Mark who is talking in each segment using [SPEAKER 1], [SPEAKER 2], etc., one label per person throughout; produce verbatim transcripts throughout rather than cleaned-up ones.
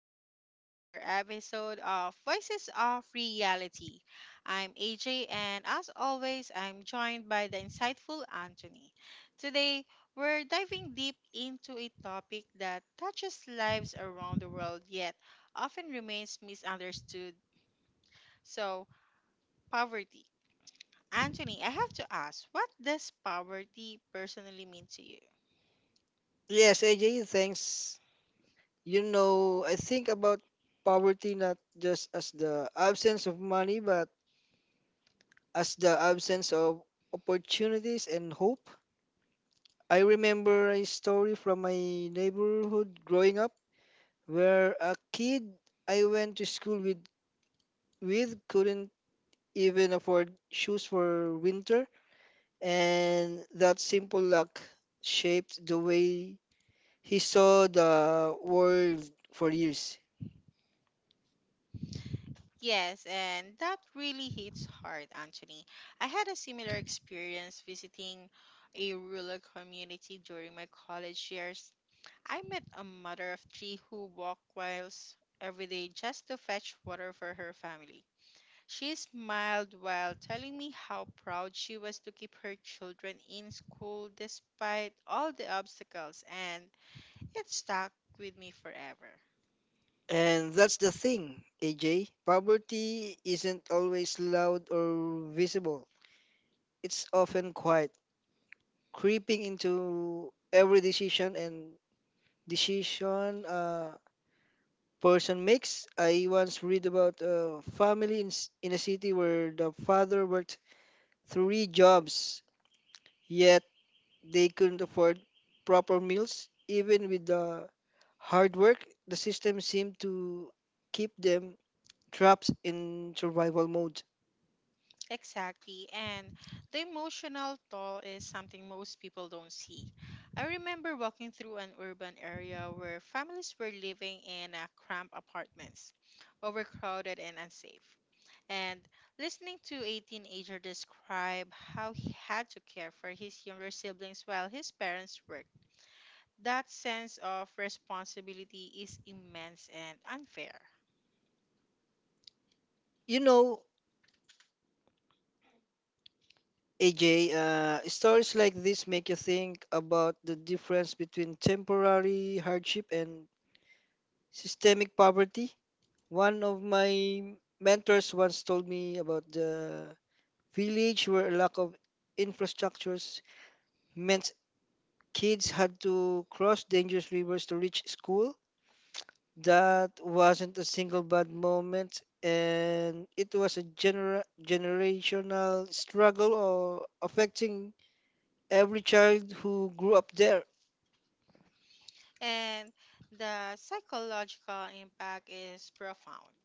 [SPEAKER 1] everyone, to another episode of Voices of Reality. I'm A J, and as always, I'm joined by the insightful Anthony. Today, we're diving deep into a topic that touches lives around the world yet often remains misunderstood. So, poverty. Anthony, I have to ask, what does poverty personally mean to you?
[SPEAKER 2] Yes, A J, thanks. You know, I think about poverty not just as the absence of money, but as the absence of opportunities and hope. I remember a story from my neighborhood growing up where a kid I went to school with with couldn't even afford shoes for winter, and that simple luck shaped the way he saw the world for years.
[SPEAKER 1] Yes, and that really hits hard, Anthony. I had a similar experience visiting a rural community during my college years. I met a mother of three who walked miles every day just to fetch water for her family. She smiled while telling me how proud she was to keep her children in school despite all the obstacles, and it stuck with me forever.
[SPEAKER 2] And that's the thing, A J. Poverty isn't always loud or visible. It's often quiet, creeping into every decision and decision a person makes. I once read about a family in, s- in a city where the father worked three jobs, yet they couldn't afford proper meals. Even with the hard work, the system seemed to keep them trapped in survival mode.
[SPEAKER 1] Exactly. And the emotional toll is something most people don't see. I remember walking through an urban area where families were living in uh, cramped apartments, overcrowded and unsafe. And listening to a teenager describe how he had to care for his younger siblings while his parents worked, that sense of responsibility is immense and unfair.
[SPEAKER 2] You know, A J, uh, stories like this make you think about the difference between temporary hardship and systemic poverty. One of my mentors once told me about the village where a lack of infrastructures meant kids had to cross dangerous rivers to reach school. That wasn't a single bad moment, and it was a genera- generational struggle or affecting every child who grew up there.
[SPEAKER 1] And the psychological impact is profound.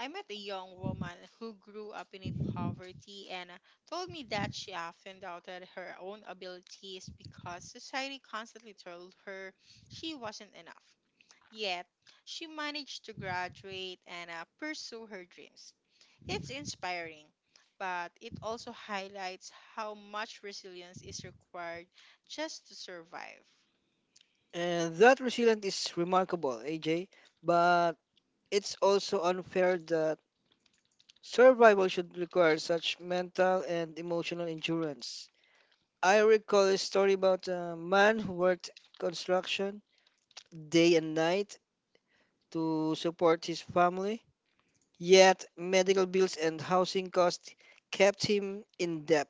[SPEAKER 1] I met a young woman who grew up in a poverty and told me that she often doubted her own abilities because society constantly told her she wasn't enough. Yet, she managed to graduate and uh, pursue her dreams. It's inspiring, but it also highlights how much resilience is required just to survive.
[SPEAKER 2] And that resilience is remarkable, A J. But it's also unfair that survival should require such mental and emotional endurance. I recall a story about a man who worked construction day and night to support his family, yet medical bills and housing costs kept him in debt.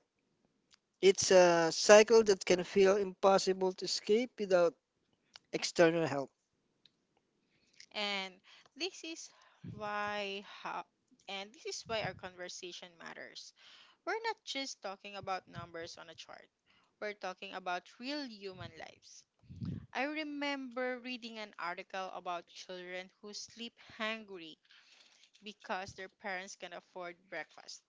[SPEAKER 2] It's a cycle that can feel impossible to escape without external help.
[SPEAKER 1] And this is why how, and this is why our conversation matters. We're not just talking about numbers on a chart, we're talking about real human lives. I remember reading an article about children who sleep hungry because their parents can afford breakfast,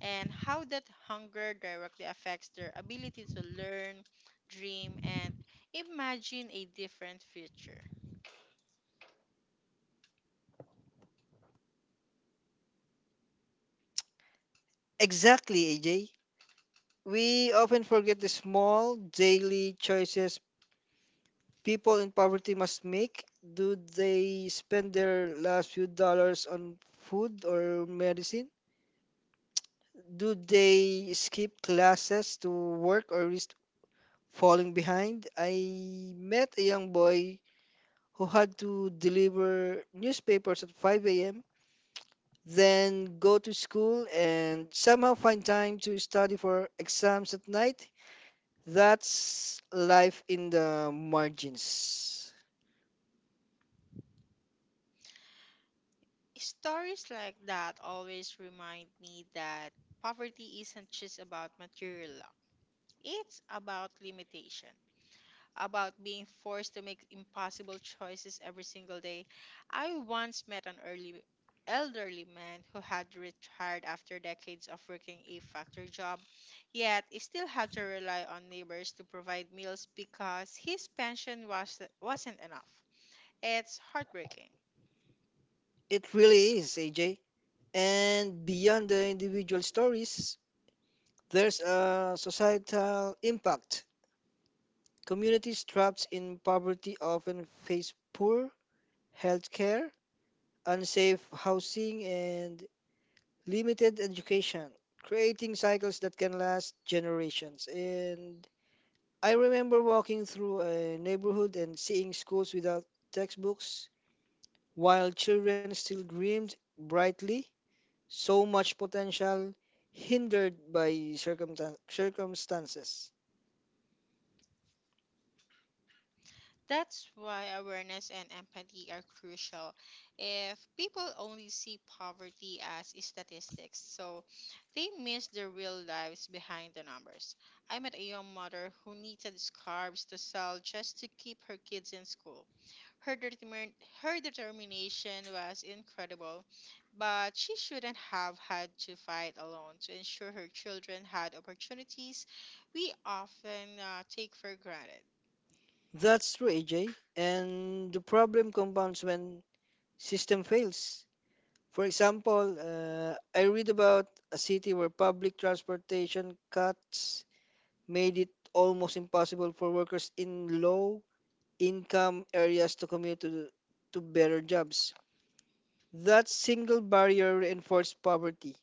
[SPEAKER 1] and how that hunger directly affects their ability to learn, dream, and imagine a different future.
[SPEAKER 2] Exactly, A J. We often forget the small daily choices people in poverty must make. Do they spend their last few dollars on food or medicine? Do they skip classes to work or risk falling behind? I met a young boy who had to deliver newspapers at five a m, then go to school and somehow find time to study for exams at night. That's life in the margins.
[SPEAKER 1] Stories like that always remind me that poverty isn't just about material lack, it's about limitation, about being forced to make impossible choices every single day. I once met an early elderly man who had retired after decades of working a factory job, yet he still had to rely on neighbors to provide meals because his pension was wasn't enough. It's heartbreaking.
[SPEAKER 2] It really is, A J. And beyond the individual stories, there's a societal impact. Communities trapped in poverty often face poor healthcare, unsafe housing, and limited education, creating cycles that can last generations. And I remember walking through a neighborhood and seeing schools without textbooks, while children still dreamed brightly, so much potential hindered by circumta- circumstances.
[SPEAKER 1] That's why awareness and empathy are crucial. If people only see poverty as statistics, so they miss the real lives behind the numbers. I met a young mother who needed scarves to sell just to keep her kids in school. Her, determin- Her determination was incredible, but she shouldn't have had to fight alone to ensure her children had opportunities we often uh, take for granted.
[SPEAKER 2] That's true, A J. And the problem compounds when system fails. For example, uh, I read about a city where public transportation cuts made it almost impossible for workers in low income areas to commute to, to better jobs. That single barrier reinforced poverty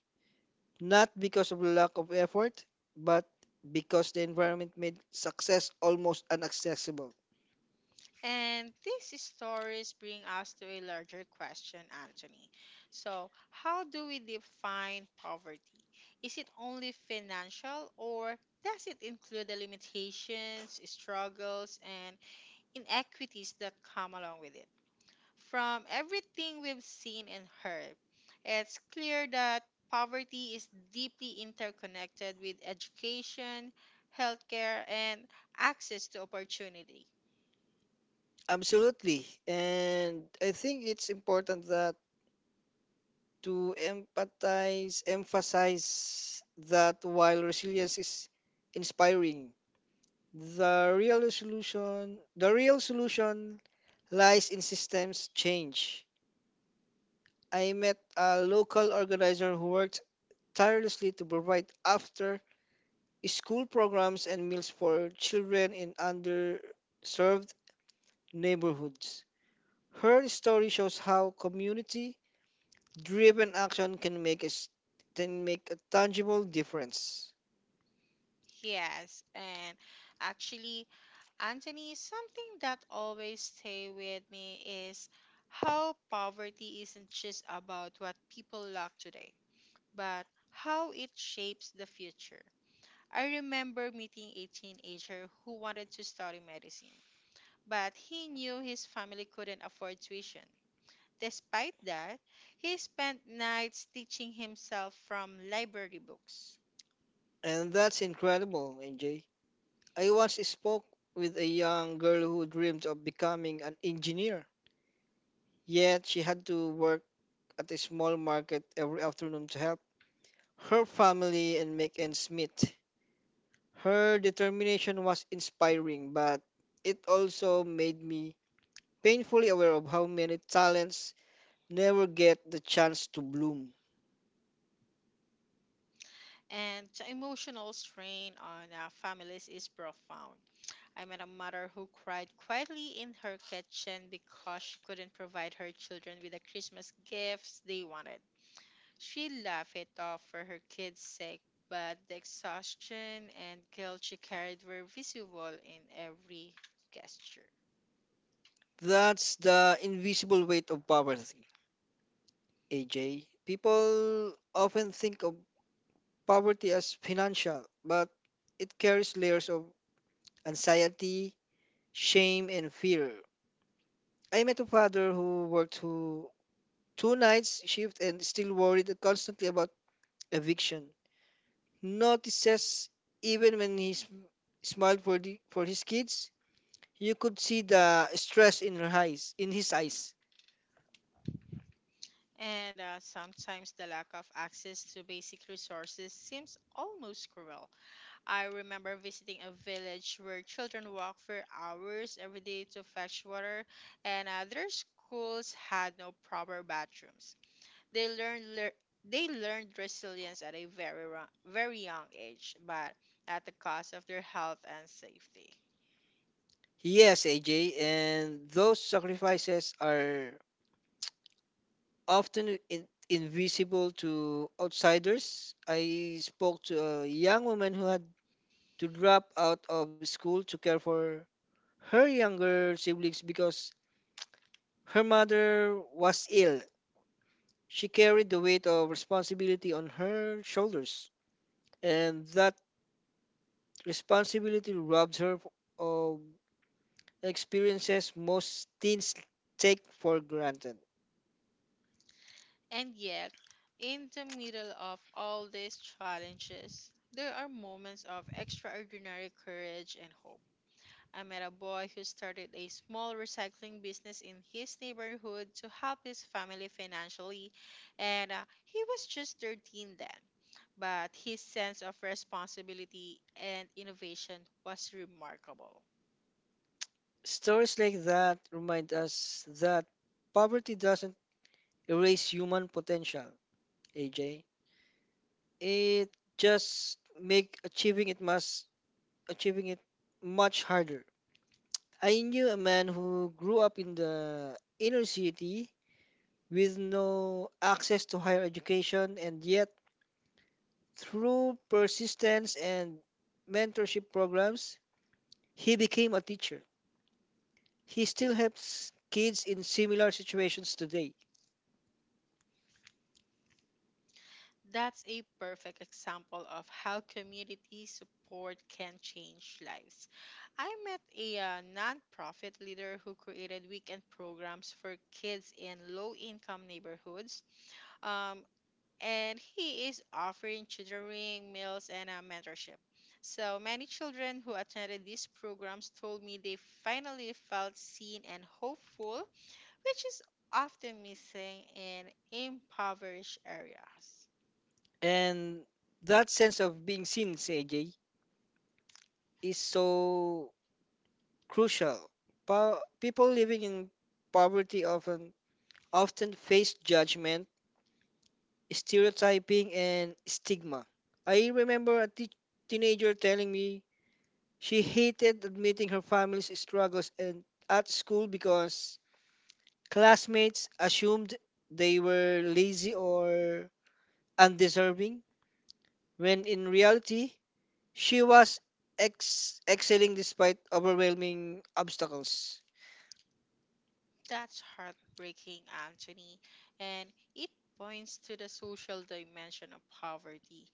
[SPEAKER 2] not because of lack of effort, but because the environment made success almost inaccessible.
[SPEAKER 1] And these stories bring us to a larger question, Anthony. So, how do we define poverty? Is it only financial, or does it include the limitations, struggles, and inequities that come along with it? From everything we've seen and heard, it's clear that poverty is deeply interconnected with education, healthcare, and access to opportunity.
[SPEAKER 2] Absolutely. And I think it's important that to empathize, emphasize that while resilience is inspiring, the real solution, the real solution lies in systems change. I met a local organizer who worked tirelessly to provide after school programs and meals for children in underserved neighborhoods. Her story shows how community driven action can make a, s- can make a tangible difference.
[SPEAKER 1] Yes, and actually, Anthony, something that always stay with me is how poverty isn't just about what people lack today, but how it shapes the future. I remember meeting a teenager who wanted to study medicine, but he knew his family couldn't afford tuition. Despite that, he spent nights teaching himself from library books.
[SPEAKER 2] And that's incredible, A J. I once spoke with a young girl who dreamed of becoming an engineer, yet she had to work at a small market every afternoon to help her family and make ends meet. Her determination was inspiring, but it also made me painfully aware of how many talents never get the chance to bloom.
[SPEAKER 1] And the emotional strain on uh, families is profound. I met a mother who cried quietly in her kitchen because she couldn't provide her children with the Christmas gifts they wanted. She laughed it off for her kids' sake, but the exhaustion and guilt she carried were visible in every gesture.
[SPEAKER 2] That's the invisible weight of poverty, A J. People often think of poverty as financial, but it carries layers of anxiety, shame, and fear. I met a father who worked two, two nights shift and still worried constantly about eviction notices, even when he sm- smiled for the for his kids. You could see the stress in her eyes, in his eyes.
[SPEAKER 1] And uh, sometimes the lack of access to basic resources seems almost cruel. I remember visiting a village where children walked for hours every day to fetch water, and uh, their schools had no proper bathrooms. They learned lear- they learned resilience at a very ro- very young age, but at the cost of their health and safety.
[SPEAKER 2] Yes, A J, and those sacrifices are often in, invisible to outsiders. I spoke to a young woman who had to drop out of school to care for her younger siblings because her mother was ill. She carried the weight of responsibility on her shoulders, and that responsibility robs her of experiences most teens take for granted.
[SPEAKER 1] And yet, in the middle of all these challenges, there are moments of extraordinary courage and hope. I met a boy who started a small recycling business in his neighborhood to help his family financially, and uh, he was just thirteen then. But his sense of responsibility and innovation was remarkable.
[SPEAKER 2] Stories like that remind us that poverty doesn't erase human potential, A J. It just make achieving it must achieving it much harder. I knew a man who grew up in the inner city with no access to higher education, and yet through persistence and mentorship programs, he became a teacher. He still helps kids in similar situations today.
[SPEAKER 1] That's a perfect example of how community support can change lives. I met a uh, nonprofit leader who created weekend programs for kids in low income neighborhoods. Um, and he is offering tutoring, meals, and uh, mentorship. So many children who attended these programs told me they finally felt seen and hopeful, which is often missing in impoverished areas.
[SPEAKER 2] And that sense of being seen, C J, is so crucial. Po- people living in poverty often often face judgment, stereotyping, and stigma. I remember a te- teenager telling me she hated admitting her family's struggles and at school because classmates assumed they were lazy or undeserving, when in reality, she was ex- excelling despite overwhelming obstacles.
[SPEAKER 1] That's heartbreaking, Anthony, and it points to the social dimension of poverty.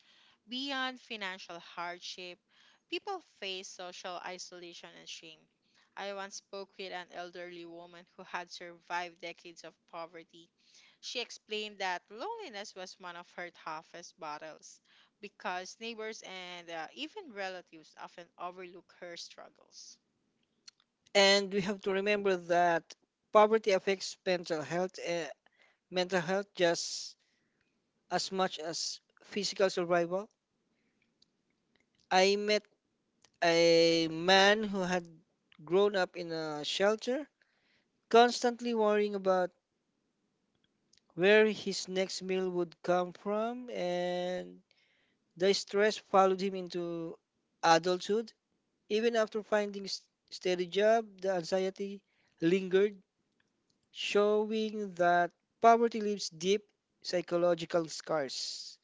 [SPEAKER 1] Beyond financial hardship, people face social isolation and shame. I once spoke with an elderly woman who had survived decades of poverty. She explained that loneliness was one of her toughest battles because neighbors and uh, even relatives often overlook her struggles.
[SPEAKER 2] And we have to remember that poverty affects mental health, uh, mental health just as much as physical survival. I met a man who had grown up in a shelter, constantly worrying about where his next meal would come from, and the stress followed him into adulthood. Even after finding s- steady job, the anxiety lingered, showing that poverty leaves deep psychological scars.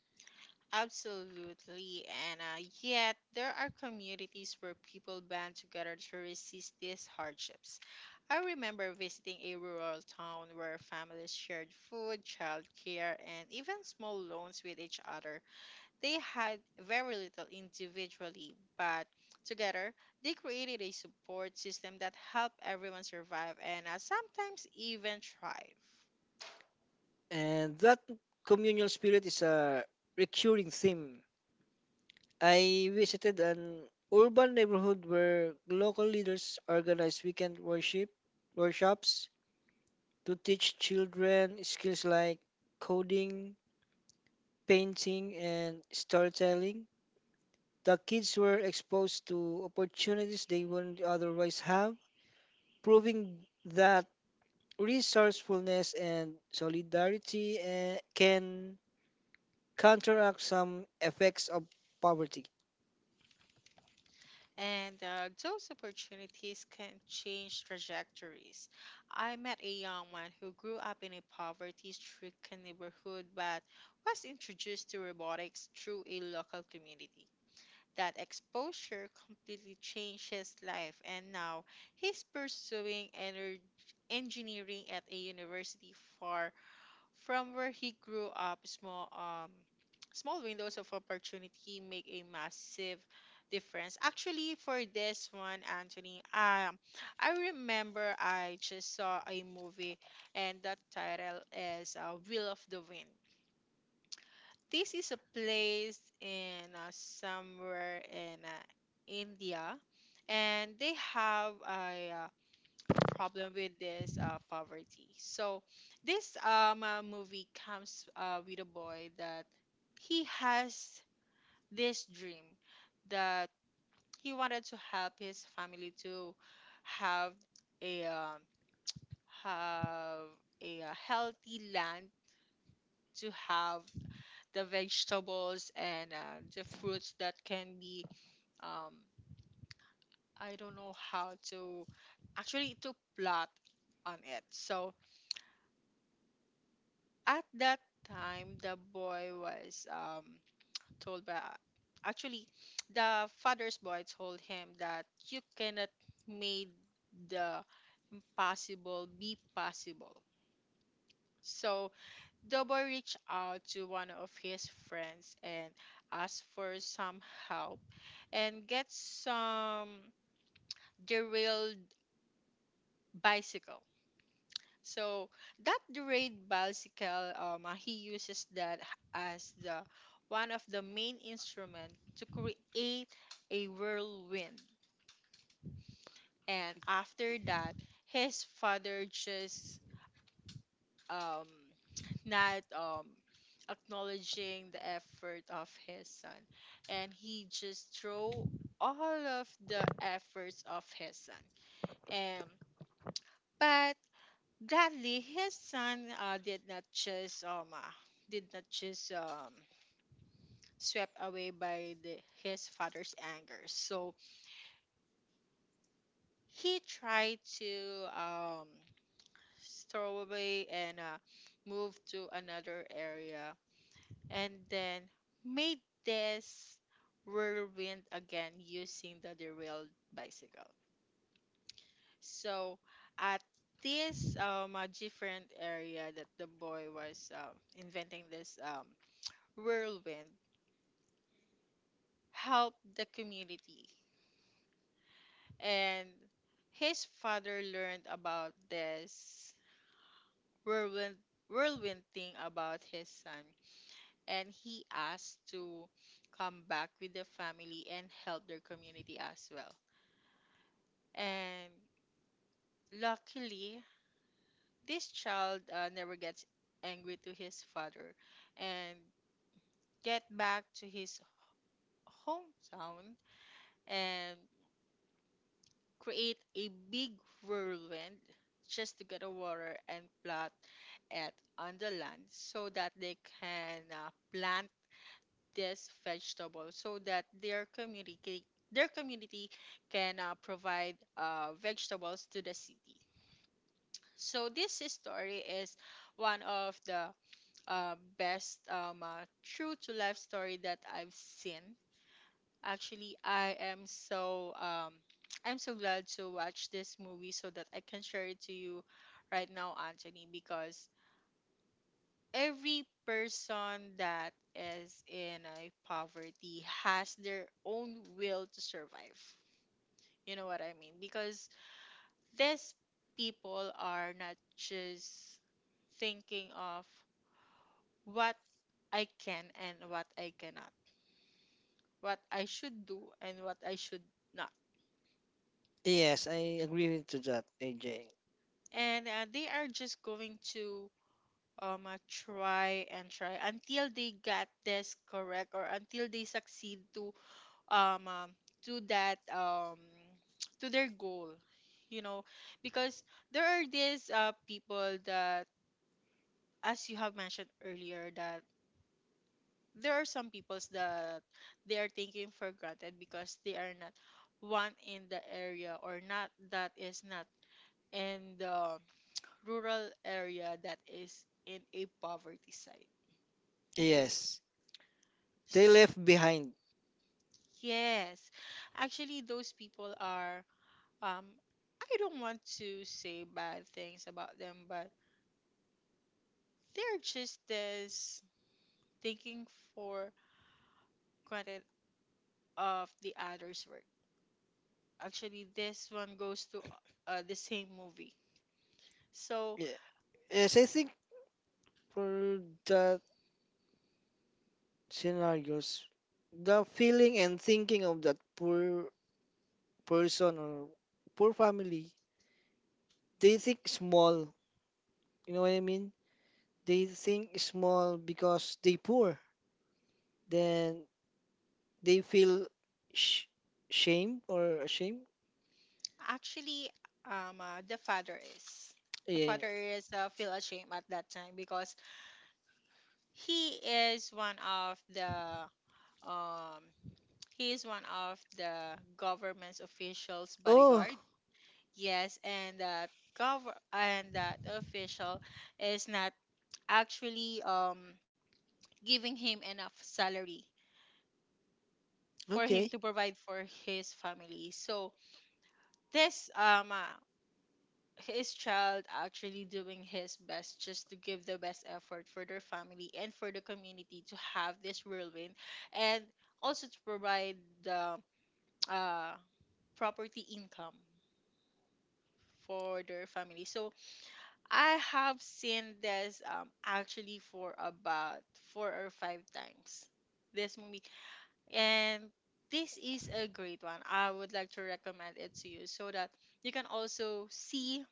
[SPEAKER 1] Absolutely, Anna. Yet there are communities where people band together to resist these hardships. I remember visiting a rural town where families shared food, childcare, and even small loans with each other. They had very little individually, but together they created a support system that helped everyone survive and uh, sometimes even thrive.
[SPEAKER 2] And that communal spirit is a recurring theme. I visited an urban neighborhood where local leaders organized weekend worship workshops to teach children skills like coding, painting, and storytelling. The kids were exposed to opportunities they wouldn't otherwise have, proving that resourcefulness and solidarity eh, can counteract some effects of poverty.
[SPEAKER 1] And uh, those opportunities can change trajectories. I met a young man who grew up in a poverty-stricken neighborhood but was introduced to robotics through a local community. That exposure completely changed his life, and now he's pursuing ener- engineering at a university far from where he grew up. Small um Small windows of opportunity make a massive difference. Actually, for this one, Anthony, um, I remember I just saw a movie, and that title is uh, Wheel of the Wind. This is a place in uh, somewhere in uh, India, and they have a uh, problem with this uh, poverty. So this um, uh, movie comes uh, with a boy that he has this dream that he wanted to help his family to have a um, have a uh, healthy land to have the vegetables and uh, the fruits that can be um, I don't know how to actually to plot on it. So at that time the boy was um told by actually the father's boy told him that you cannot make the impossible be possible, so the boy reached out to one of his friends and asked for some help and get some derailed bicycle. So that derayed bicycle, um, uh, he uses that h- as the one of the main instrument to create a whirlwind. And after that, his father just um, not um, acknowledging the effort of his son, and he just throw all of the efforts of his son. And but gladly, his son uh, did not just um uh, did not just um swept away by the, his father's anger. So he tried to um throw away and uh, move to another area, and then made this whirlwind again using the derailed bicycle. So at this um uh, different area that the boy was um, inventing this um whirlwind helped the community. And his father learned about this whirlwind, whirlwind thing about his son. And he asked to come back with the family and help their community as well. And luckily, this child uh, never gets angry to his father and get back to his hometown and create a big whirlwind just to get the water and plot it on the land so that they can uh, plant this vegetable so that their community their community can uh, provide uh, vegetables to the city. So this story is one of the uh, best um, uh, true to life story that I've seen. Actually, I am so um I'm so glad to watch this movie so that I can share it to you right now, Anthony, because every person that is in a poverty has their own will to survive. You know what I mean? Because these people are not just thinking of what I can and what I cannot, what I should do and what I should not,
[SPEAKER 2] Yes, I agree with to that, A J.
[SPEAKER 1] and uh, they are just going to um uh, try and try until they get this correct or until they succeed to um, um to that um to their goal, you know, because there are these uh, people that as you have mentioned earlier that there are some peoples that they are taking for granted because they are not one in the area or not that is not in the rural area that is in a poverty site.
[SPEAKER 2] Yes, they
[SPEAKER 1] S-
[SPEAKER 2] left behind.
[SPEAKER 1] Yes. Actually, those people are, um, I don't want to say bad things about them, but they're just this thinking for granted of the other's work. Actually, this one goes to uh, the same movie. So,
[SPEAKER 2] Yeah. Yes, I think for the scenarios, the feeling and thinking of that poor person or poor family, they think small. You know what I mean? They think small because they poor. Then they feel sh- shame or ashamed.
[SPEAKER 1] actually, um, uh, the father is. The
[SPEAKER 2] Yeah.
[SPEAKER 1] father is uh, feel ashamed at that time because he is one of the um he is one of the government's officials
[SPEAKER 2] Oh,
[SPEAKER 1] bodyguard. Yes, and that gov and that official is not actually um giving him enough salary for him
[SPEAKER 2] okay.
[SPEAKER 1] to provide for his family. So this um uh, his child actually doing his best just to give the best effort for their family and for the community to have this whirlwind and also to provide the uh, property income for their family so I have seen this um, actually for about four or five times this movie and this is a great one I would like to recommend it to you so that you can also see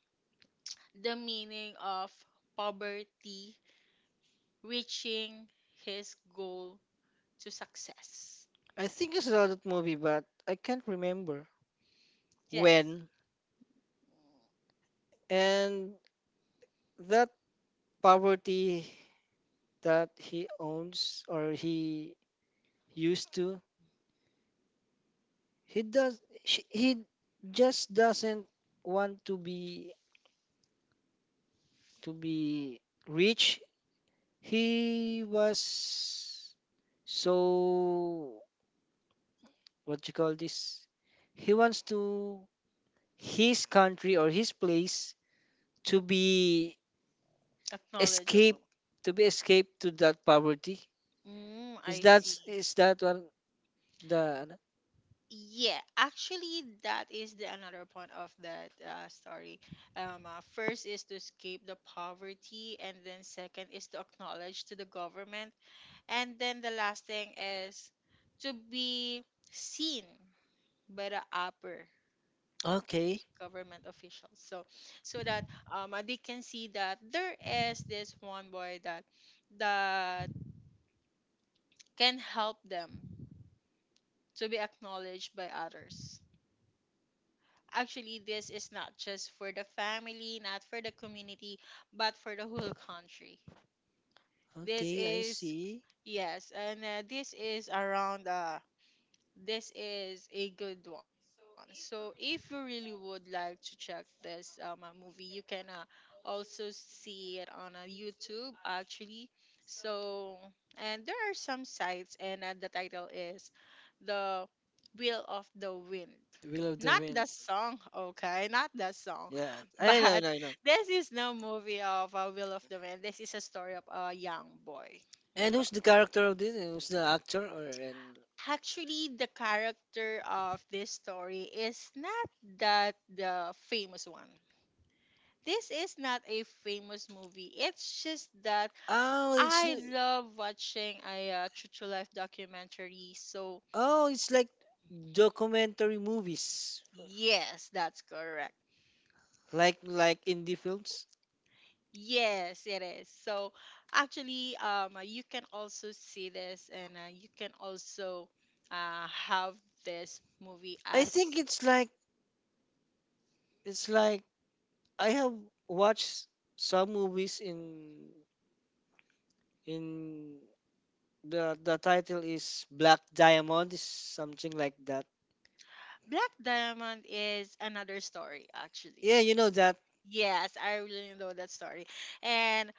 [SPEAKER 1] the meaning of poverty reaching his goal to success.
[SPEAKER 2] I think I saw that movie, but I can't remember
[SPEAKER 1] Yes.
[SPEAKER 2] when. And that poverty that he owns or he used to, he does, she, he just doesn't want to be to be rich. He was so, what you call this, he wants to his country or his place to be escape
[SPEAKER 1] Acknowledgeable.
[SPEAKER 2] to be escape to that poverty.
[SPEAKER 1] Mm,
[SPEAKER 2] Is
[SPEAKER 1] I
[SPEAKER 2] that,
[SPEAKER 1] see.
[SPEAKER 2] is that one the
[SPEAKER 1] Yeah, actually, that is the another point of that uh, story. Um, uh, first is to escape the poverty, and then second is to acknowledge to the government, and then the last thing is to be seen by the upper
[SPEAKER 2] Okay.
[SPEAKER 1] government officials. So, so that um, uh, they can see that there is this one boy that that can help them to be acknowledged by others. Actually, this is not just for the family, not for the community, but for the whole country. This
[SPEAKER 2] Okay, I
[SPEAKER 1] is
[SPEAKER 2] see.
[SPEAKER 1] yes, and uh, this is around uh, this is a good one. So if you really would like to check this um uh, movie, you can uh, also see it on uh, YouTube actually. So and there are some sites and uh, the title is the Wheel of the Wind.
[SPEAKER 2] Will of the
[SPEAKER 1] Not the
[SPEAKER 2] Wind.
[SPEAKER 1] song, okay, not the song,
[SPEAKER 2] Yeah, I know, I
[SPEAKER 1] but
[SPEAKER 2] know, I know.
[SPEAKER 1] this is no movie of uh, Wheel of the Wind. This is a story of a young boy.
[SPEAKER 2] And
[SPEAKER 1] Okay,
[SPEAKER 2] who's the character of this? Who's the actor? Or and
[SPEAKER 1] actually the character of this story is not that the famous one. This is not a famous movie. It's just that
[SPEAKER 2] oh, it's
[SPEAKER 1] I love watching a uh, True to Life documentary. So,
[SPEAKER 2] oh, it's like documentary movies,
[SPEAKER 1] yes, that's correct.
[SPEAKER 2] like like indie films.
[SPEAKER 1] Yes, it is. So, actually, um, uh, you can also see this and uh, you can also uh, have this movie
[SPEAKER 2] I think
[SPEAKER 1] as.
[SPEAKER 2] it's like it's like I have watched some movies in in the the title is Black Diamond is something like that.
[SPEAKER 1] Black Diamond is another story, actually.
[SPEAKER 2] Yeah, you know that.
[SPEAKER 1] Yes, I really know that story. And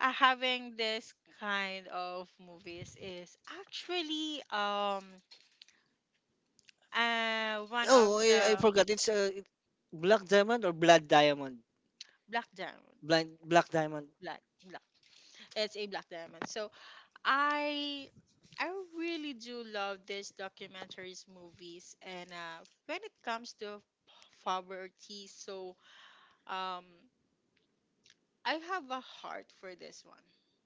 [SPEAKER 1] uh, having this kind of movies is actually um uh one of
[SPEAKER 2] Oh, I, I
[SPEAKER 1] the
[SPEAKER 2] forgot. It's a black diamond or blood diamond.
[SPEAKER 1] Black Diamond.
[SPEAKER 2] Blind black diamond.
[SPEAKER 1] Black Black. It's a Black Diamond. So I I really do love these documentaries movies and uh when it comes to poverty, so um I have a heart for this one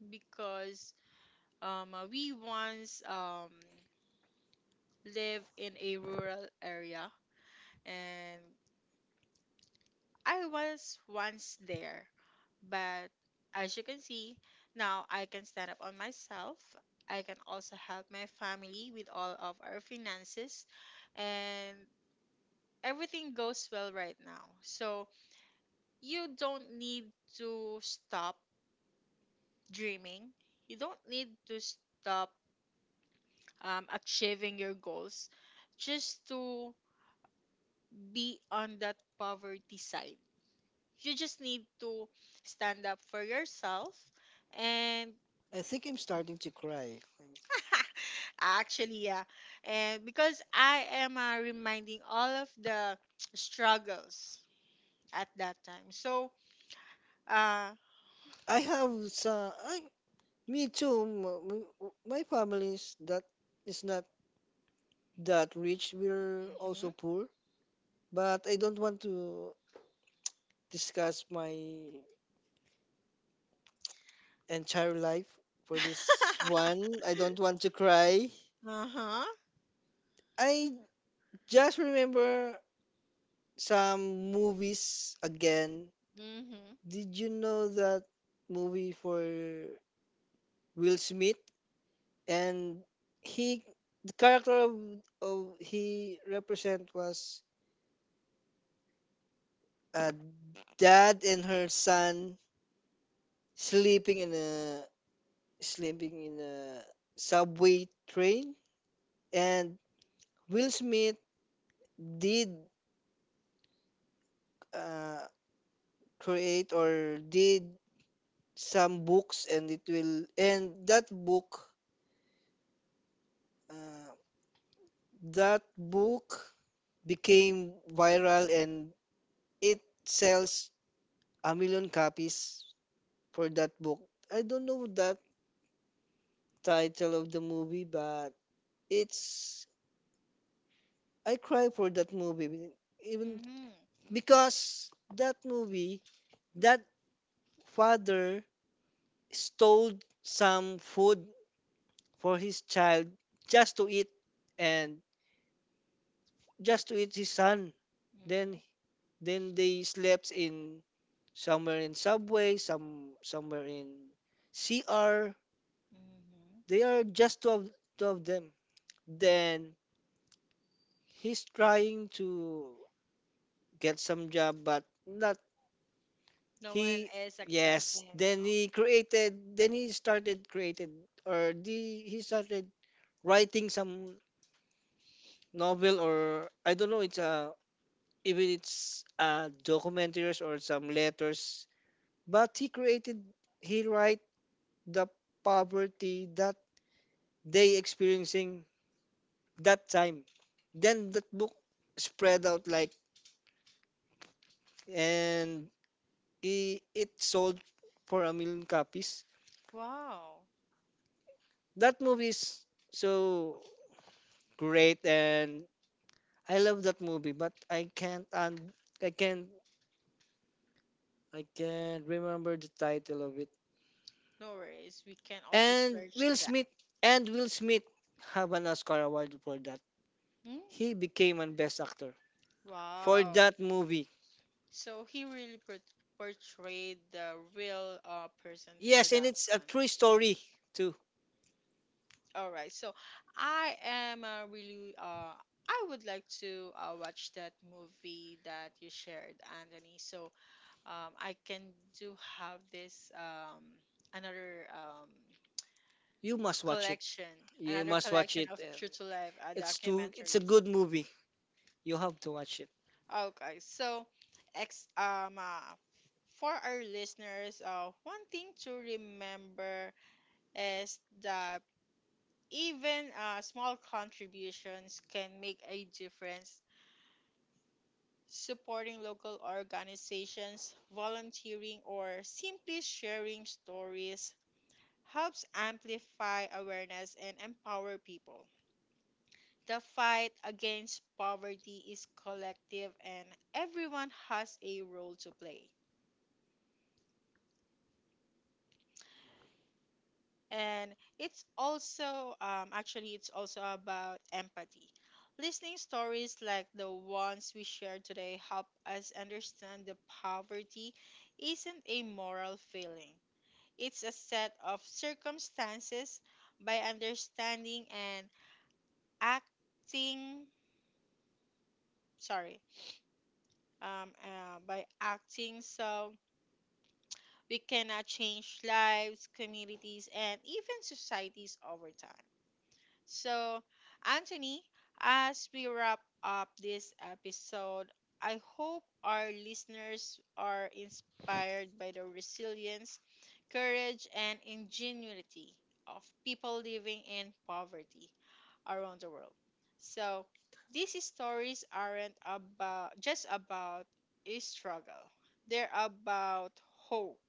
[SPEAKER 1] because um, uh, we once um, live in a rural area and I was once there. But as you can see, now I can stand up on myself. I can also help my family with all of our finances and everything goes well right now. So you don't need to stop dreaming. You don't need to stop um, achieving your goals just to be on that poverty side. You just need to stand up for yourself and
[SPEAKER 2] I think I'm starting to cry.
[SPEAKER 1] actually yeah and because I am uh, reminding all of the struggles at that time so uh
[SPEAKER 2] I have some. I me too. m- m- My family's that is not that rich. We're also
[SPEAKER 1] mhm.
[SPEAKER 2] poor. But I don't want to discuss my entire life for this one. I don't want to cry.
[SPEAKER 1] Uh-huh.
[SPEAKER 2] I just remember some movies again.
[SPEAKER 1] Mhm.
[SPEAKER 2] Did you know that movie for Will Smith? And he, the character of, of he represent was a dad and her son sleeping in a sleeping in a subway train, and Will Smith did uh, create or did some books and it will and that book, uh, that book became viral and it sells a million copies for that book. I don't know that title of the movie, but it's I cry for that movie even
[SPEAKER 1] Mhm.
[SPEAKER 2] because that movie, that father stole some food for his child just to eat, and just to eat his son. Then
[SPEAKER 1] Mhm.
[SPEAKER 2] then they slept in some were in subway, some some were in cr,
[SPEAKER 1] Mhm.
[SPEAKER 2] they are just two of, two of them, then he's trying to get some job but not
[SPEAKER 1] No one
[SPEAKER 2] he.
[SPEAKER 1] is
[SPEAKER 2] Yes,
[SPEAKER 1] accepting.
[SPEAKER 2] then
[SPEAKER 1] Oh.
[SPEAKER 2] he created, then he started created, or the he started writing some novel, or I don't know, it's a even it's a documentaries or some letters, but he created he write the poverty that they experiencing that time. Then that book spread out like, and it, it sold for a million copies.
[SPEAKER 1] Wow.
[SPEAKER 2] That movie is so great and I love that movie, but I can't, and I can't I can't remember the title of it.
[SPEAKER 1] No worries. We can also
[SPEAKER 2] And
[SPEAKER 1] search
[SPEAKER 2] Will
[SPEAKER 1] that.
[SPEAKER 2] Smith, and Will Smith have an Oscar award for that.
[SPEAKER 1] Hmm?
[SPEAKER 2] He became an best actor for
[SPEAKER 1] Wow.
[SPEAKER 2] that movie.
[SPEAKER 1] So he really port- portrayed the real uh, person for
[SPEAKER 2] Yes, and
[SPEAKER 1] that
[SPEAKER 2] it's a
[SPEAKER 1] one.
[SPEAKER 2] true story too.
[SPEAKER 1] All right. So I am uh, really uh I would like to uh, watch that movie that you shared, Anthony. So um I can do have this um another um
[SPEAKER 2] You must watch it.
[SPEAKER 1] collection,
[SPEAKER 2] You
[SPEAKER 1] another
[SPEAKER 2] must watch
[SPEAKER 1] collection
[SPEAKER 2] it.
[SPEAKER 1] of
[SPEAKER 2] uh,
[SPEAKER 1] True to Life uh,
[SPEAKER 2] It's too. It's a
[SPEAKER 1] documentaries.
[SPEAKER 2] good movie. You have to watch it.
[SPEAKER 1] Okay, so ex um uh, for our listeners, uh, one thing to remember is that even uh, small contributions can make a difference. Supporting local organizations, volunteering, or simply sharing stories helps amplify awareness and empower people. The fight against poverty is collective and everyone has a role to play. And it's also, um, actually, it's also about empathy. Listening stories like the ones we shared today help us understand that poverty isn't a moral feeling. It's a set of circumstances by understanding and acting, sorry, um, uh, by acting so we cannot change lives, communities, and even societies over time. So, Anthony, as we wrap up this episode, I hope our listeners are inspired by the resilience, courage, and ingenuity of people living in poverty around the world. So, these stories aren't about just about a struggle. They're about hope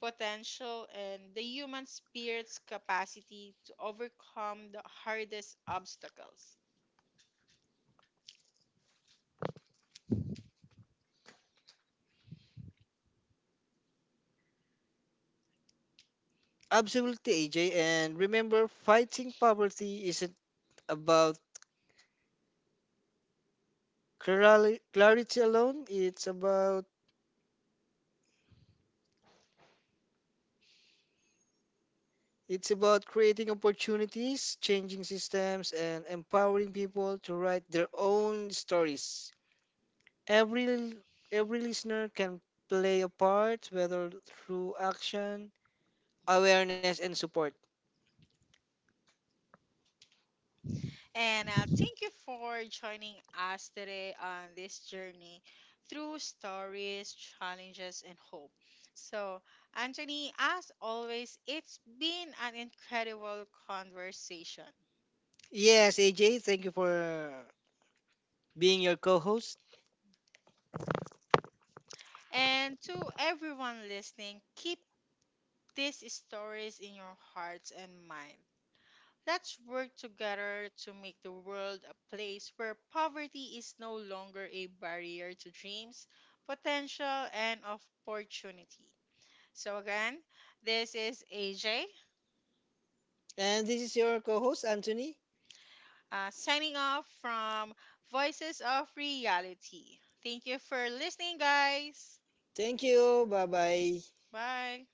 [SPEAKER 1] potential and the human spirit's capacity to overcome the hardest obstacles.
[SPEAKER 2] Absolutely, A J. And remember, fighting poverty isn't about clarity clarity alone. It's about it's about creating opportunities, changing systems, and empowering people to write their own stories. Every l- every listener can play a part, whether through action, awareness, and support.
[SPEAKER 1] And uh, thank you for joining us today on this journey through stories, challenges, and hope. So, Anthony, as always, it's been an incredible conversation.
[SPEAKER 2] Yes, A J, thank you for being your co-host,
[SPEAKER 1] And to everyone listening, keep these stories in your hearts and minds. Let's work together to make the world a place where poverty is no longer a barrier to dreams, potential, and opportunity. So, again, this is A J
[SPEAKER 2] and this is your co-host Anthony.
[SPEAKER 1] uh, signing off from Voices of Reality. Thank you for listening, guys.
[SPEAKER 2] Thank you. Bye bye.
[SPEAKER 1] Bye.